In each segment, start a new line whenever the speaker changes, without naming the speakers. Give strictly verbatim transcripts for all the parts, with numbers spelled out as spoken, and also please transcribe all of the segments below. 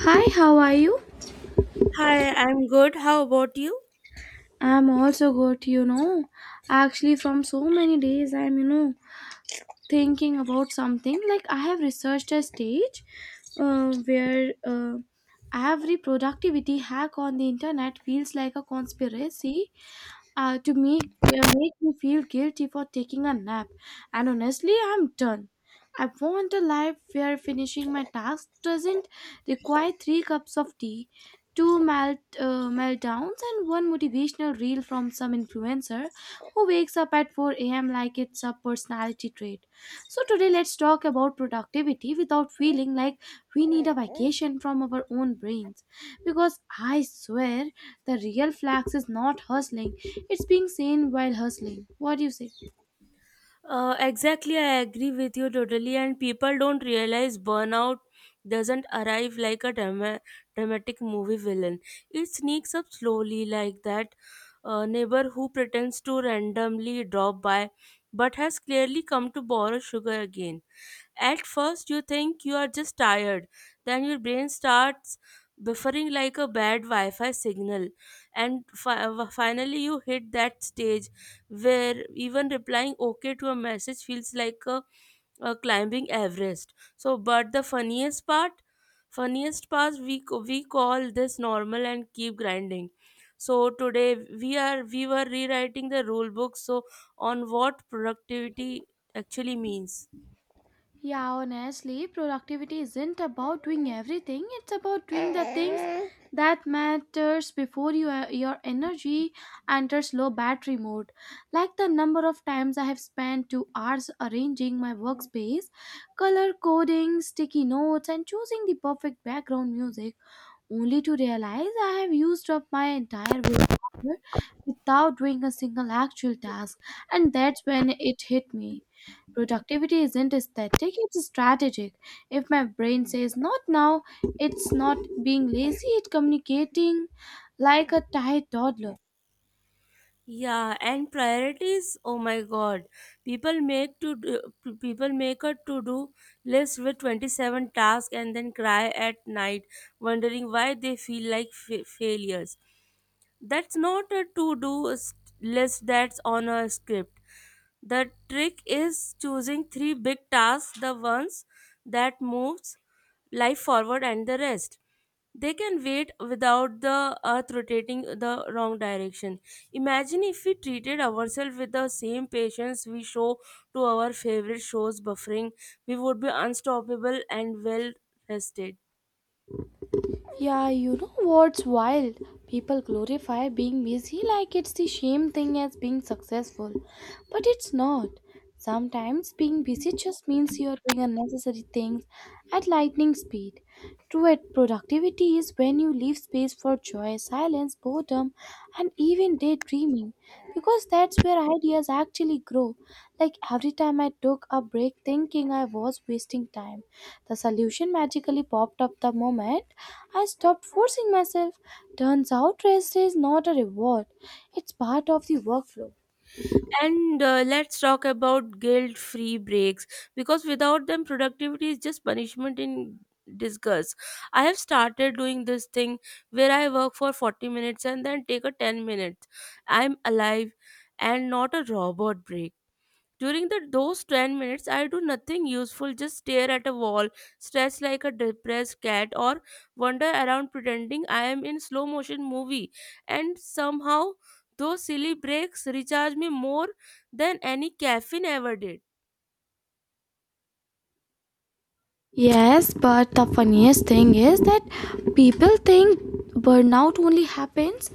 Hi, how are you?
Hi, I'm good. How about you?
I'm also good, you know. Actually, from so many days, I'm, you know, thinking about something. Like, I have researched a stage uh, where uh, every productivity hack on the internet feels like a conspiracy uh, to make uh, make me feel guilty for taking a nap. And honestly, I'm done. I want a life where finishing my tasks doesn't require three cups of tea, two melt, uh, meltdowns, and one motivational reel from some influencer who wakes up at four a m like it's a personality trait. So, today let's talk about productivity without feeling like we need a vacation from our own brains. Because I swear the real flex is not hustling, it's being sane while hustling. What do you say?
Uh, exactly, I agree with you totally. And people don't realize burnout doesn't arrive like a drama- dramatic movie villain. It sneaks up slowly, like that uh, neighbor who pretends to randomly drop by but has clearly come to borrow sugar again. At first, you think you are just tired, then your brain starts buffering like a bad Wi-Fi signal, and fi- uh, finally you hit that stage where even replying okay to a message feels like a, a climbing Everest. So, but the funniest part, funniest part, we c- we call this normal and keep grinding. So today we are we were rewriting the rule book, so on what productivity actually means.
Yeah, honestly, productivity isn't about doing everything. It's about doing the things that matters before you, uh, your energy enters low battery mode. Like the number of times I have spent two hours arranging my workspace, color coding, sticky notes, and choosing the perfect background music only to realize I have used up my entire willpower without doing a single actual task. And that's when it hit me. Productivity isn't aesthetic, it's strategic. If my brain says not now, it's not being lazy, it's communicating like a tired toddler.
Yeah, and priorities. Oh my God, people make to do, p- people make a to do list with twenty seven tasks and then cry at night, wondering why they feel like fa- failures. That's not a to do list, that's on a script. The trick is choosing three big tasks, the ones that moves life forward, and the rest. They can wait without the earth rotating the wrong direction. Imagine if we treated ourselves with the same patience we show to our favorite shows buffering, we would be unstoppable and well rested.
Yeah, you know what's wild? People glorify being busy like it's the same thing as being successful. But it's not. Sometimes being busy just means you're doing unnecessary things at lightning speed. True at productivity is when you leave space for joy, silence, boredom, and even daydreaming. Because that's where ideas actually grow. Like every time I took a break thinking I was wasting time, the solution magically popped up the moment I stopped forcing myself. Turns out rest is not a reward, it's part of the workflow.
And uh, Let's talk about guilt free breaks because without them, productivity is just punishment in disguise. I have started doing this thing where I work for forty minutes and then take a ten minutes. I'm alive and not a robot break. During the those ten minutes, I do nothing useful, just stare at a wall, stretch like a depressed cat, or wander around pretending I am in slow motion movie. And somehow, those silly breaks recharge me more than any caffeine ever did.
Yes, but the funniest thing is that people think burnout only happens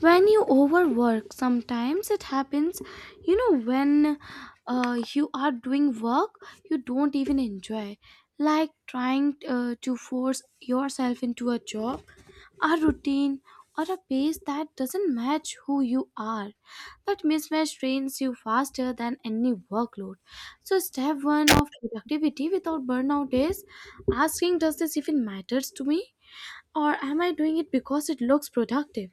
when you overwork. Sometimes it happens, you know, when uh, you are doing work you don't even enjoy, like trying uh, to force yourself into a job, a routine, or a pace that doesn't match who you are. That mismatch trains you faster than any workload. So, step one of productivity without burnout is asking, does this even matters to me? Or am I doing it because it looks productive?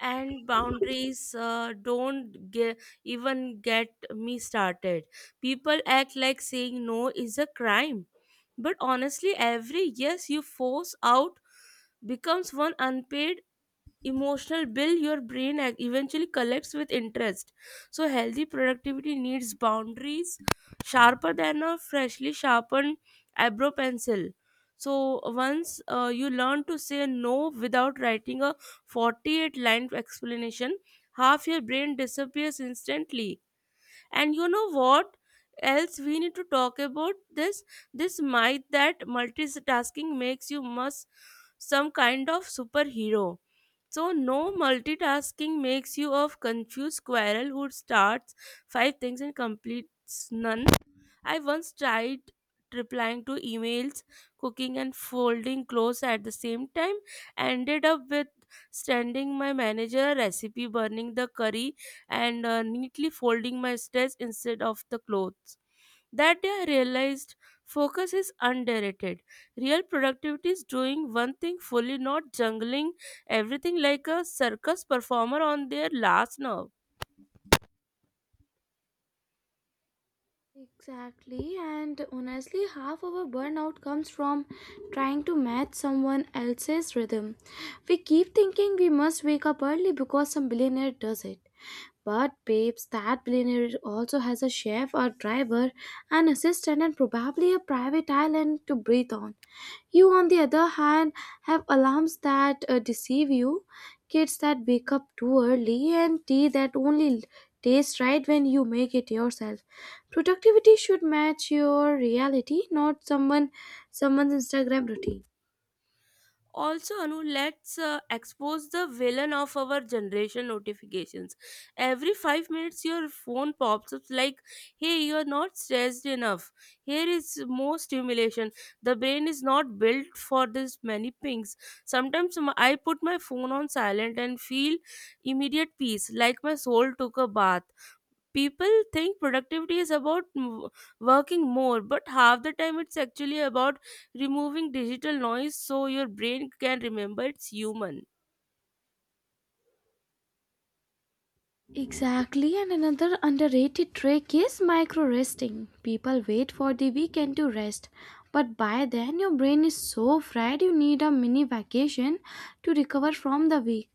And boundaries uh, don't ge- even get me started. People act like saying no is a crime. But honestly, every yes you force out becomes one unpaid emotional bill your brain ac- eventually collects with interest. So healthy productivity needs boundaries sharper than a freshly sharpened eyebrow pencil. So once uh, you learn to say no without writing a forty-eight line explanation, half your brain disappears instantly. And you know what else we need to talk about? This this myth that multitasking makes you must some kind of superhero. So, no, multitasking makes you a confused squirrel who starts five things and completes none. I once tried replying to emails, cooking, and folding clothes at the same time, ended up with sending my manager a recipe, burning the curry, and uh, neatly folding my stress instead of the clothes. That day I realized focus is underrated. Real productivity is doing one thing fully, not jungling everything like a circus performer on their last nerve.
Exactly, and honestly, half of our burnout comes from trying to match someone else's rhythm. We keep thinking we must wake up early because some billionaire does it. But babes, that billionaire also has a chef, a driver, an assistant, and probably a private island to breathe on. You, on the other hand, have alarms that uh, deceive you, kids that wake up too early, and tea that only tastes right when you make it yourself. Productivity should match your reality, not someone someone's Instagram routine.
Also, Anu, let's uh, expose the villain of our generation, notifications. Every five minutes your phone pops up like, hey, you're not stressed enough, here is more stimulation. The brain is not built for this many pings. Sometimes m- I put my phone on silent and feel immediate peace, like my soul took a bath. People think productivity is about m- working more, but half the time it's actually about removing digital noise so your brain can remember it's human.
Exactly, and another underrated trick is micro resting. People wait for the weekend to rest, but by then your brain is so fried you need a mini vacation to recover from the week.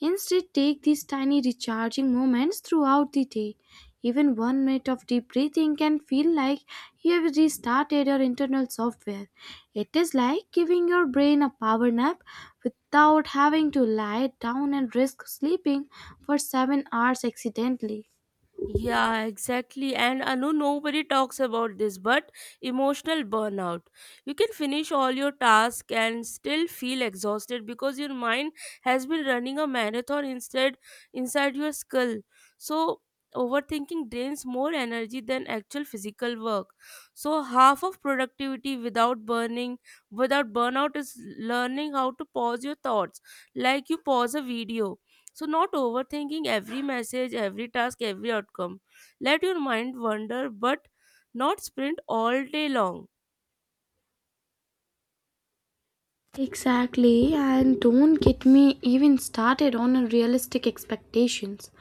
Instead, take these tiny recharging moments throughout the day. Even one minute of deep breathing can feel like you have restarted your internal software. It is like giving your brain a power nap without having to lie down and risk sleeping for seven hours accidentally.
Yeah, exactly. And Anu, nobody talks about this, but emotional burnout. You can finish all your tasks and still feel exhausted because your mind has been running a marathon instead inside your skull. So overthinking drains more energy than actual physical work. So half of productivity without burning without burnout is learning how to pause your thoughts. Like you pause a video. So, not overthinking every message, every task, every outcome. Let your mind wander, but not sprint all day long.
Exactly, and don't get me even started on unrealistic expectations.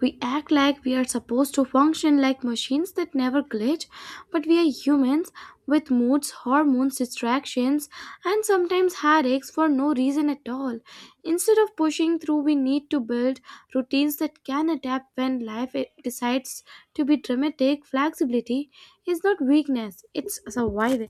We act like we are supposed to function like machines that never glitch, but we are humans with moods, hormones, distractions, and sometimes headaches for no reason at all. Instead of pushing through, we need to build routines that can adapt when life i- decides to be dramatic. Flexibility is not weakness, it's survival.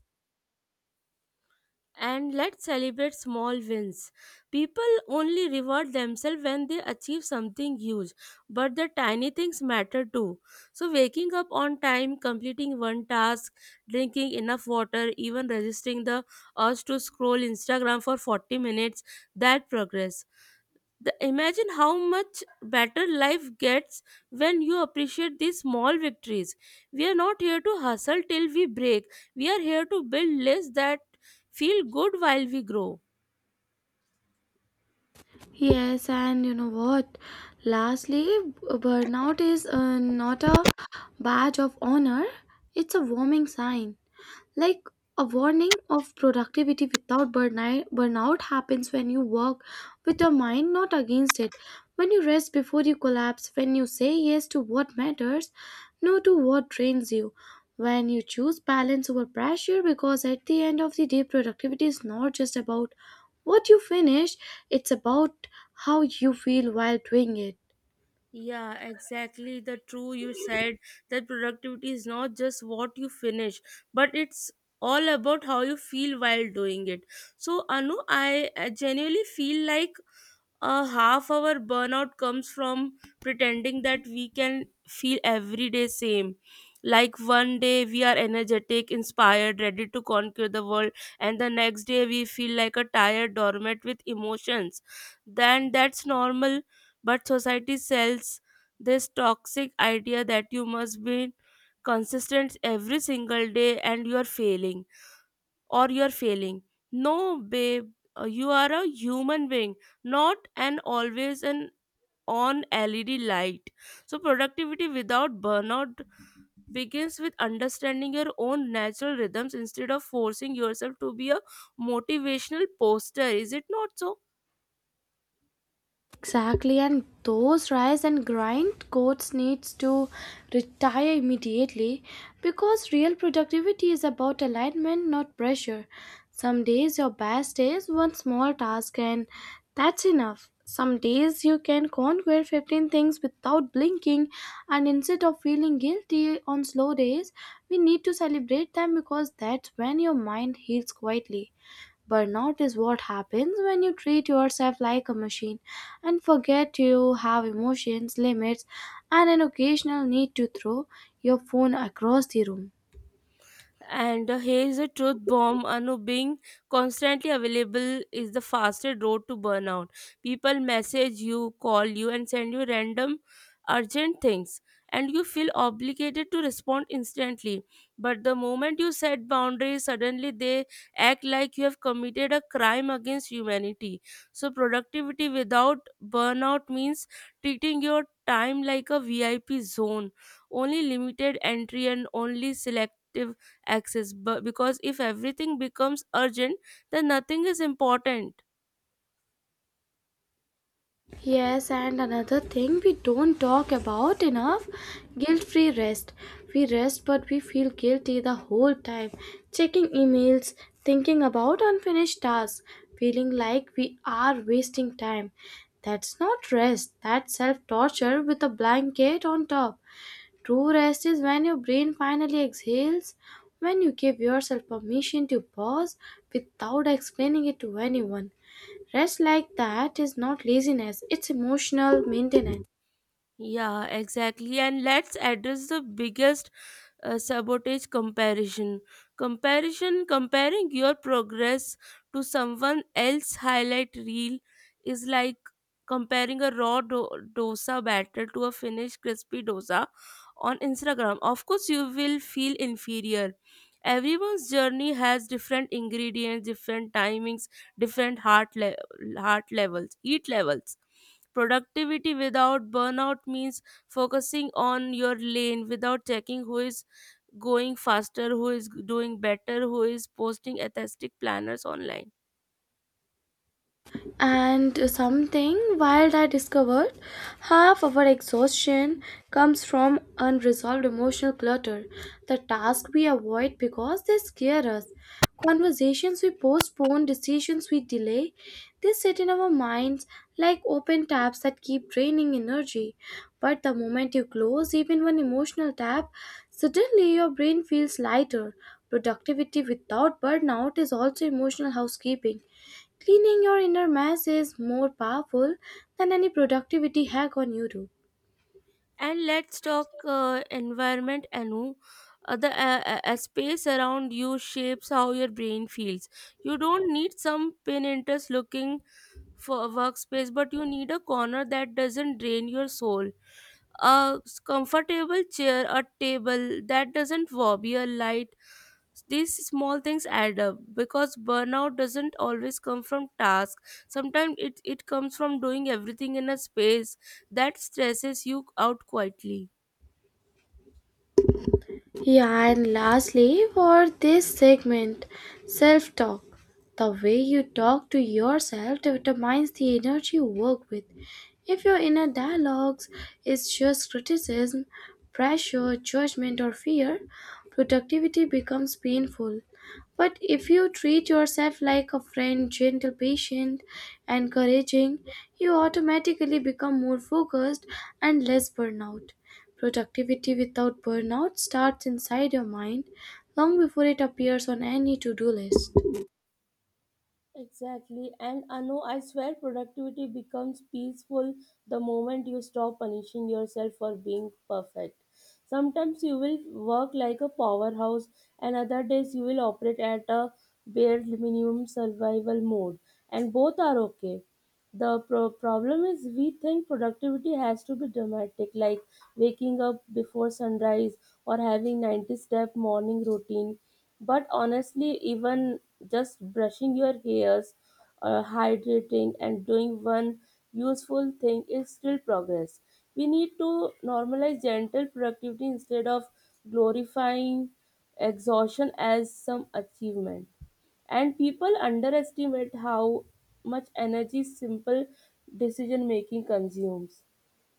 And let's celebrate small wins. People only reward themselves when they achieve something huge, but the tiny things matter too. So, waking up on time, completing one task, drinking enough water, even resisting the urge to scroll Instagram for forty minutes, that progress. The, imagine how much better life gets when you appreciate these small victories. We are not here to hustle till we break. We are here to build lists that feel good while we grow.
Yes, and you know what? Lastly, burnout is uh, not a badge of honor, it's a warming sign. Like a warning of productivity without burni- burnout happens when you work with your mind, not against it. When you rest before you collapse, when you say yes to what matters, no to what drains you. When you choose balance over pressure, because at the end of the day, productivity is not just about what you finish, it's about how you feel while doing it.
Yeah, exactly. The true you said that productivity is not just what you finish, but it's all about how you feel while doing it. So, Anu, I uh, genuinely feel like a half hour burnout comes from pretending that we can feel every day same. Like one day we are energetic, inspired, ready to conquer the world, and the next day we feel like a tired dormant with emotions, then that's normal. But society sells this toxic idea that you must be consistent every single day and you are failing or you're failing. No, babe, uh, you are a human being, not an always an on L E D light. So, productivity without burnout begins with understanding your own natural rhythms instead of forcing yourself to be a motivational poster. Is it not so?
Exactly, and those rise and grind codes needs to retire immediately, because real productivity is about alignment, not pressure. Some days your best is one small task and that's enough. Some days you can conquer fifteen things without blinking, and instead of feeling guilty on slow days, we need to celebrate them because that's when your mind heals quietly. Burnout is what happens when you treat yourself like a machine and forget you have emotions, limits, and an occasional need to throw your phone across the room.
And uh, here is a truth bomb, Anu. Being constantly available is the fastest road to burnout. People message you, call you, and send you random urgent things, and you feel obligated to respond instantly. But the moment you set boundaries, suddenly they act like you have committed a crime against humanity. So, productivity without burnout means treating your time like a V I P zone, only limited entry and only select access. But because if everything becomes urgent, then nothing is important.
Yes, and another thing we don't talk about enough: guilt free rest. We rest, but we feel guilty the whole time, checking emails, thinking about unfinished tasks, feeling like we are wasting time. That's not rest, that's self torture with a blanket on top. True rest is when your brain finally exhales, when you give yourself permission to pause without explaining it to anyone. Rest like that is not laziness, it's emotional maintenance.
Yeah, exactly. And let's address the biggest uh, sabotage, comparison comparison Comparing your progress to someone else's highlight reel is like comparing a raw do- dosa batter to a finished crispy dosa on Instagram. Of course you will feel inferior. Everyone's journey has different ingredients, different timings, different heart le- heart levels heat levels. Productivity without burnout means focusing on your lane without checking who is going faster, who is doing better, who is posting aesthetic planners online.
And something wild I discovered: half our exhaustion comes from unresolved emotional clutter, the tasks we avoid because they scare us, conversations we postpone, decisions we delay. They sit in our minds like open tabs that keep draining energy. But the moment you close even one emotional tab, suddenly your brain feels lighter. Productivity without burnout is also emotional housekeeping. Cleaning your inner mess is more powerful than any productivity hack on YouTube.
And let's talk uh, environment, Anu. Uh, the uh, uh, uh, space around you shapes how your brain feels. You don't need some Pinterest looking for a workspace, but you need a corner that doesn't drain your soul. A s- comfortable chair, a table that doesn't wobble, a light, these small things add up. Because burnout doesn't always come from tasks, sometimes it, it comes from doing everything in a space that stresses you out quietly.
Yeah, and lastly, for this segment, self talk. The way you talk to yourself determines the energy you work with. If your inner dialogues is just criticism, pressure, judgment, or fear, productivity becomes painful. But if you treat yourself like a friend, gentle, patient, encouraging, you automatically become more focused and less burnout. Productivity without burnout starts inside your mind long before it appears on any to do list.
Exactly. And Anu, I swear productivity becomes peaceful the moment you stop punishing yourself for being perfect. Sometimes you will work like a powerhouse, and other days you will operate at a bare minimum survival mode. And both are okay. The pro- problem is we think productivity has to be dramatic, like waking up before sunrise or having ninety step morning routine. But honestly, even just brushing your hairs, uh, hydrating, and doing one useful thing is still progress. We need to normalize gentle productivity instead of glorifying exhaustion as some achievement. And people underestimate how much energy simple decision making consumes.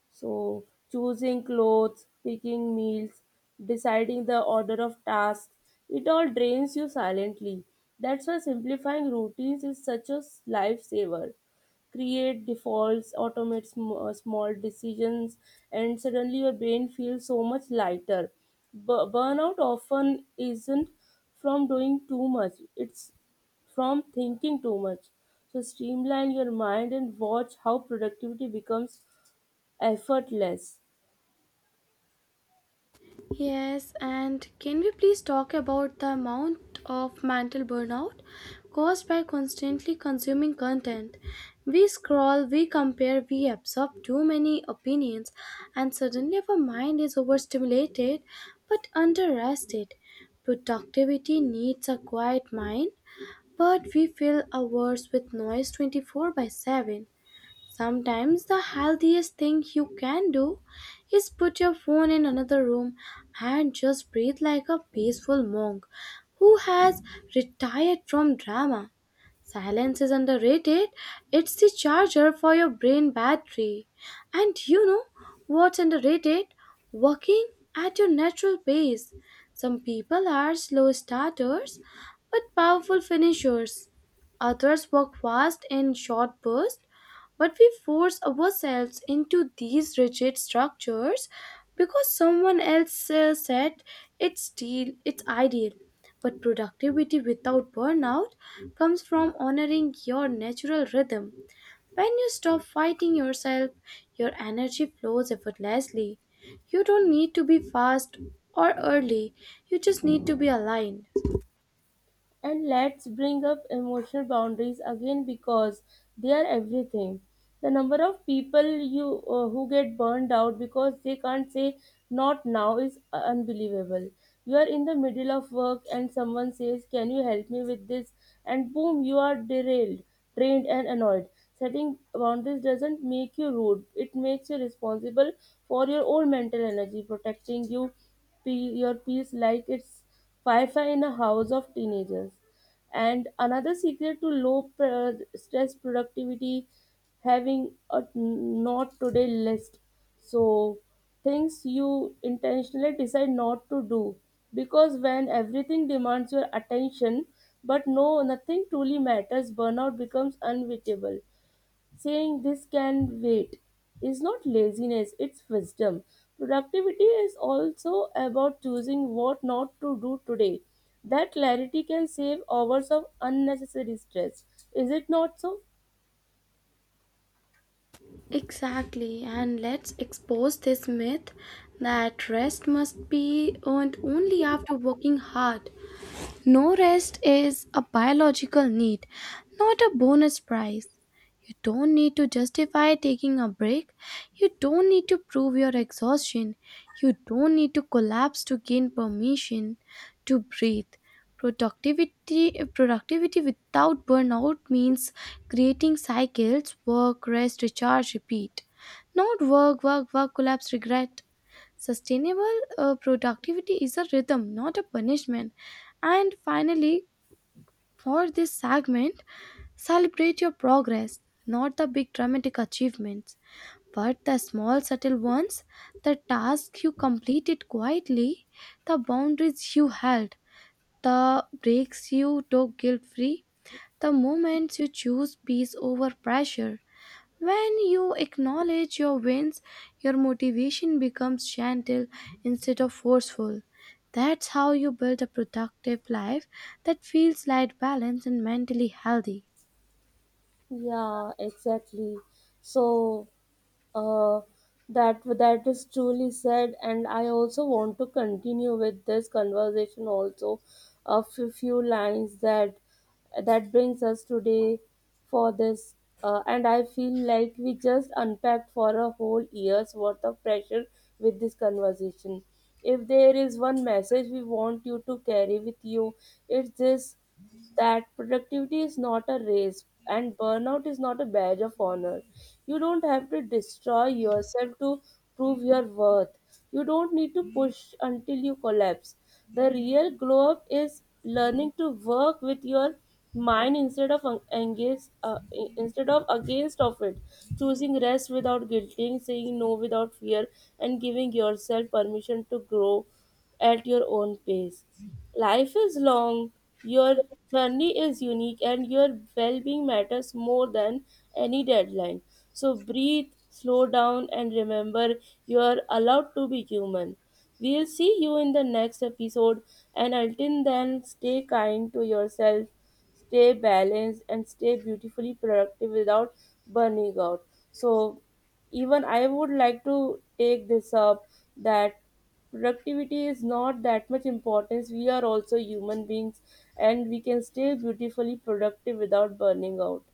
So, choosing clothes, picking meals, deciding the order of tasks, it all drains you silently. That's why simplifying routines is such a s- lifesaver. Create defaults, automate sm- uh, small decisions, and suddenly your brain feels so much lighter. Bu- burnout often isn't from doing too much, it's from thinking too much. So, streamline your mind and watch how productivity becomes effortless.
Yes, and can we please talk about the amount of mental burnout caused by constantly consuming content? We scroll, we compare, we absorb too many opinions, and suddenly our mind is overstimulated but underrested. Productivity needs a quiet mind, but we fill our hours with noise twenty-four by seven. Sometimes the healthiest thing you can do is put your phone in another room and just breathe like a peaceful monk who has retired from drama. Silence is underrated. It's the charger for your brain battery. And you know what's underrated? Working at your natural pace. Some people are slow starters but powerful finishers. Others work fast in short bursts, but we force ourselves into these rigid structures because someone else uh, said it's deal, it's ideal. But productivity without burnout comes from honoring your natural rhythm. When you stop fighting yourself, your energy flows effortlessly. You don't need to be fast or early, you just need to be aligned.
And let's bring up emotional boundaries again because they are everything. The number of people you uh, who get burned out because they can't say not now is uh, unbelievable. You are in the middle of work and someone says, "Can you help me with this?" And boom, you are derailed, drained and annoyed. Setting boundaries doesn't make you rude. It makes you responsible for your own mental energy, protecting you pe- your peace like it's Wi-Fi in a house of teenagers. And another secret to low pr- stress productivity, having a not today list. So things you intentionally decide not to do, because when everything demands your attention but no nothing truly matters, burnout becomes inevitable. Saying this can wait is not laziness, it's wisdom. Productivity is also about choosing what not to do today. That clarity can save hours of unnecessary stress. Is it not so?
Exactly, and let's expose this myth that rest must be earned only after working hard. No, rest is a biological need, not a bonus prize. You don't need to justify taking a break. You don't need to prove your exhaustion. You don't need to collapse to gain permission to breathe. Productivity, productivity without burnout means creating cycles: work, rest, recharge, repeat. Not work, work, work, collapse, regret. Sustainable uh, productivity is a rhythm, not a punishment. And finally, for this segment, celebrate your progress, not the big dramatic achievements, but the small, subtle ones, the tasks you completed quietly, the boundaries you held, the breaks you took guilt free, the moments you choose peace over pressure. When you acknowledge your wins, your motivation becomes gentle instead of forceful. That's how you build a productive life that feels light, balanced, and mentally healthy.
Yeah, exactly. So uh, that that is truly said, and I also want to continue with this conversation also a few, few lines that that brings us today for this, uh, and I feel like we just unpacked for a whole year's worth of pressure with this conversation. If there is one message we want you to carry with you, it's this, that productivity is not a race and burnout is not a badge of honor. You don't have to destroy yourself to prove your worth. You don't need to push until you collapse. The real glow up is learning to work with your mind instead of en- engage uh, I- instead of against of it, choosing rest without guilting, saying no without fear, and giving yourself permission to grow at your own pace. Life is long, your journey is unique, and your well being matters more than any deadline. So breathe, slow down, and remember you are allowed to be human. We'll see you in the next episode, and until then, stay kind to yourself, stay balanced, and stay beautifully productive without burning out. So, even I would like to take this up that productivity is not that much importance, we are also human beings and we can stay beautifully productive without burning out.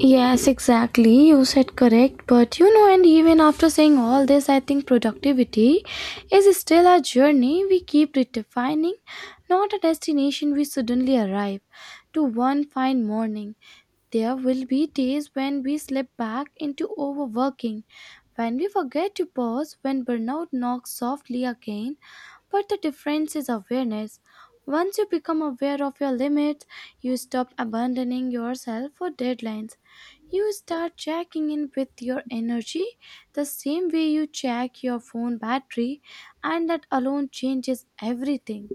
Yes, exactly. You said correct. But you know, and even after saying all this, I think productivity is still a journey we keep redefining, not a destination we suddenly arrive to one fine morning. There will be days when we slip back into overworking, when we forget to pause, when burnout knocks softly again. But the difference is awareness. Once you become aware of your limits, you stop abandoning yourself for deadlines. You start checking in with your energy the same way you check your phone battery, and that alone changes everything.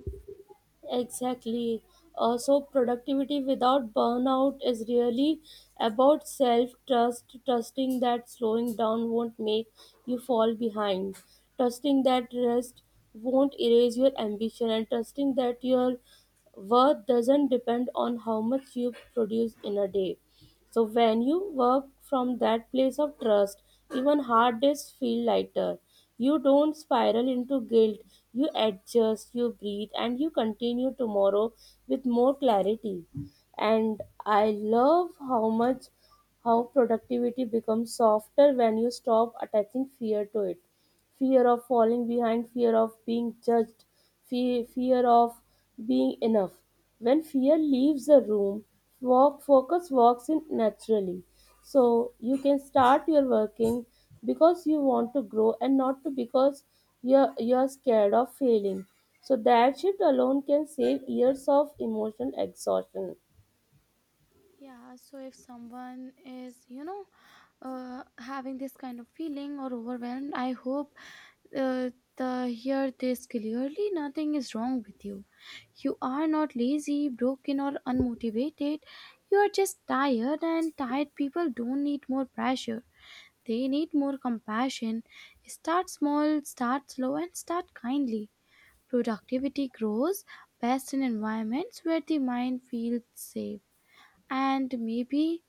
Exactly. Uh, so, productivity without burnout is really about self trust, trusting that slowing down won't make you fall behind, trusting that rest won't erase your ambition, and trusting that your worth doesn't depend on how much you produce in a day. So when you work from that place of trust, even hard days feel lighter. You don't spiral into guilt. You adjust, you breathe, and you continue tomorrow with more clarity. And I love how much how productivity becomes softer when you stop attaching fear to it, fear of falling behind, fear of being judged, fe- fear of being enough. When fear leaves the room, walk focus walks in naturally. So you can start your working because you want to grow and not to because you're, you're scared of failing. So that shift alone can save years of emotional exhaustion.
Yeah, so if someone is, you know, uh, having this kind of feeling or overwhelmed, I hope uh, the hear this clearly. Nothing is wrong with you. You are not lazy, broken, or unmotivated. You are just tired, and tired people don't need more pressure. They need more compassion. Start small, start slow, and start kindly. Productivity grows best in environments where the mind feels safe. And maybe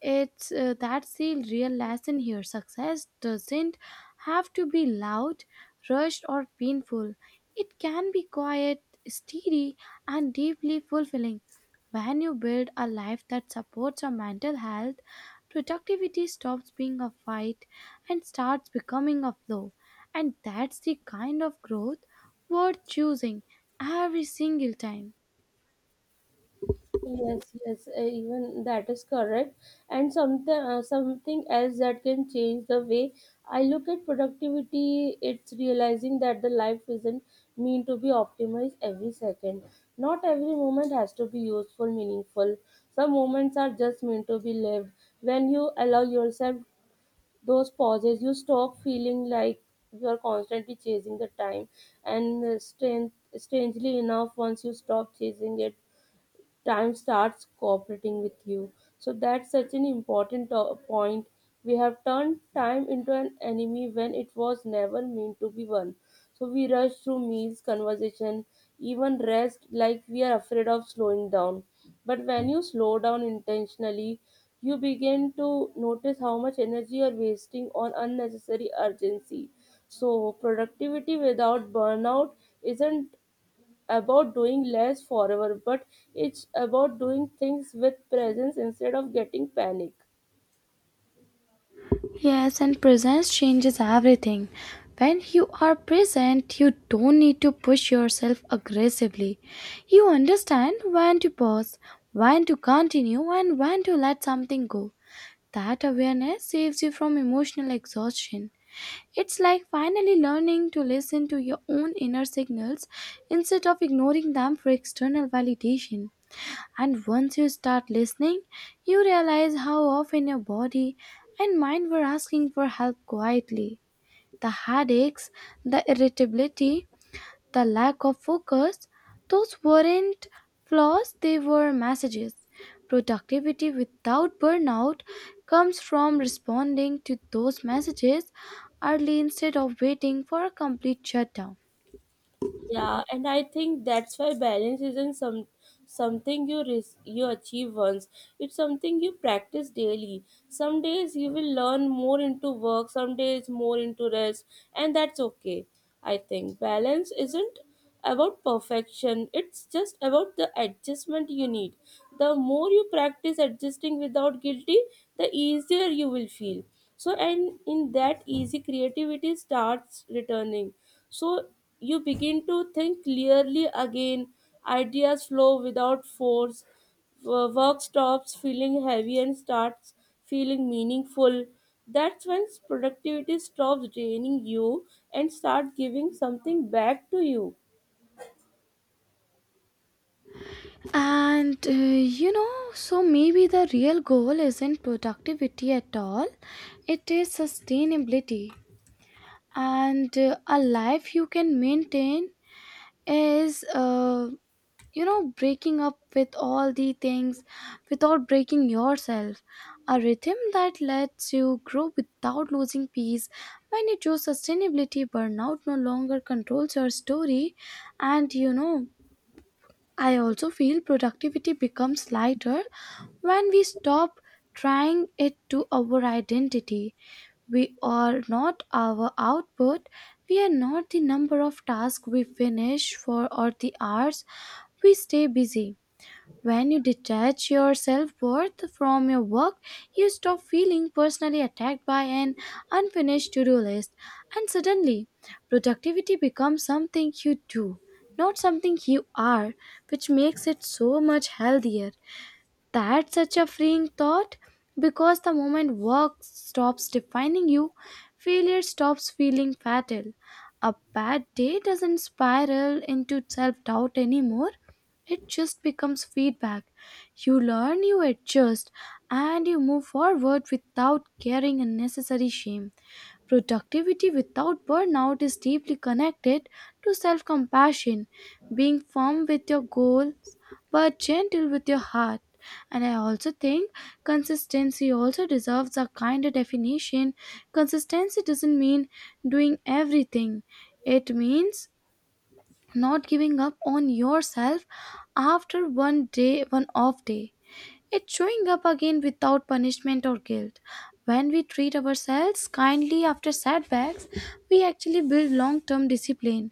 it's uh, that's the real lesson here. Success doesn't have to be loud, rushed, or painful. It can be quiet, steady, and deeply fulfilling. When you build a life that supports your mental health, productivity stops being a fight and starts becoming a flow. And that's the kind of growth worth choosing every single time.
Yes, yes, uh, even that is correct. And something uh, something else that can change the way I look at productivity, it's realizing that the life isn't mean to be optimized every second. Not every moment has to be useful, meaningful. Some moments are just meant to be lived. When you allow yourself those pauses, you stop feeling like you are constantly chasing the time, and uh, strength strangely enough, once you stop chasing it, time starts cooperating with you. So that's such an important to- point. We have turned time into an enemy when it was never meant to be one. So we rush through meals, conversation, even rest like we are afraid of slowing down. But when you slow down intentionally, you begin to notice how much energy you're wasting on unnecessary urgency. So, productivity without burnout isn't about doing less forever, but it's about doing things with presence instead of getting panic.
Yes, and presence changes everything. When you are present, you don't need to push yourself aggressively. You understand when to pause, when to continue, and when to let something go. That awareness saves you from emotional exhaustion. It's like finally learning to listen to your own inner signals instead of ignoring them for external validation. And once you start listening, you realize how often your body and mind were asking for help quietly. The headaches, the irritability, the lack of focus, those weren't flaws, they were messages. Productivity without burnout comes from responding to those messages early instead of waiting for a complete shutdown.
Yeah, and I think that's why balance isn't some something you res- you achieve once. It's something you practice daily. Some days you will learn more into work, some days more into rest, and that's okay. I think balance isn't about perfection. It's just about the adjustment you need. The more you practice adjusting without guilty, the easier you will feel. So and in that easy creativity starts returning so you begin to think clearly again, ideas flow without force, wo- work stops feeling heavy and starts feeling meaningful. That's when productivity stops draining you and start giving something back to you.
And uh, you know, so maybe the real goal isn't productivity at all, it is sustainability. And uh, a life you can maintain is, uh, you know, breaking up with all the things without breaking yourself. A rhythm that lets you grow without losing peace. When you choose sustainability, burnout no longer controls your story. And you know, I also feel productivity becomes lighter when we stop trying it to our identity. We are not our output, we are not the number of tasks we finish for or the hours we stay busy. When you detach your self worth from your work, you stop feeling personally attacked by an unfinished to do list, and suddenly productivity becomes something you do, not something you are, which makes it so much healthier. That's such a freeing thought because the moment work stops defining you, failure stops feeling fatal. A bad day doesn't spiral into self doubt anymore, it just becomes feedback. You learn, you adjust, and you move forward without carrying unnecessary shame. Productivity without burnout is deeply connected to self compassion, being firm with your goals but gentle with your heart. And I also think consistency also deserves a kinder definition. Consistency doesn't mean doing everything, it means not giving up on yourself after one day, one off day. It's showing up again without punishment or guilt. When we treat ourselves kindly after setbacks, we actually build long term discipline.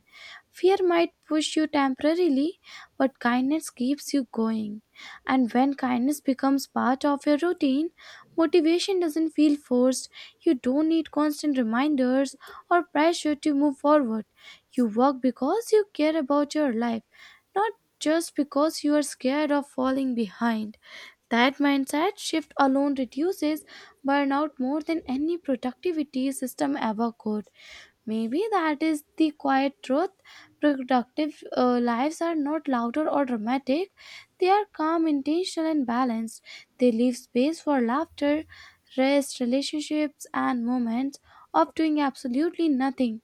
Fear might push you temporarily, but kindness keeps you going. And when kindness becomes part of your routine, motivation doesn't feel forced. You don't need constant reminders or pressure to move forward. You work because you care about your life, not just because you are scared of falling behind. That mindset shift alone reduces burnout more than any productivity system ever could. Maybe that is the quiet truth. Productive uh, lives are not louder or dramatic, they are calm, intentional, and balanced. They leave space for laughter, rest, relationships, and moments of doing absolutely nothing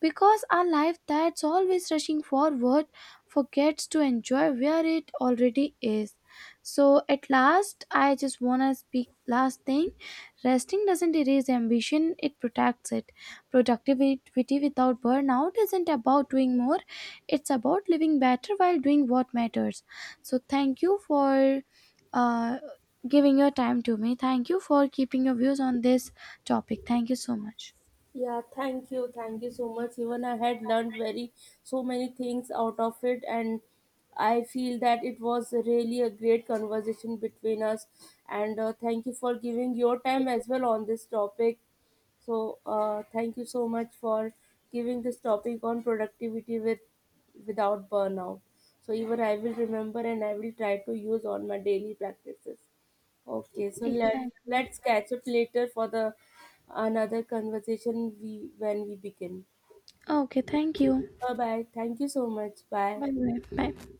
because our life that's always rushing forward forgets to enjoy where it already is. So at last, I just wanna speak last thing. Resting doesn't erase ambition, it protects it. Productivity without burnout isn't about doing more, it's about living better while doing what matters. So thank you for uh, giving your time to me. Thank you for keeping your views on this topic. Thank you so much.
Yeah, thank you. Thank you so much. Even I had learned very so many things out of it and I feel that it was really a great conversation between us and uh, thank you for giving your time as well on this topic. So, uh, thank you so much for giving this topic on productivity with without burnout. So, even I will remember and I will try to use on my daily practices. Okay, so let
Exactly.
let's catch up later for the another conversation we when we begin.
Oh, okay, thank you.
Bye bye. Thank you so much. Bye.
Bye bye. Bye.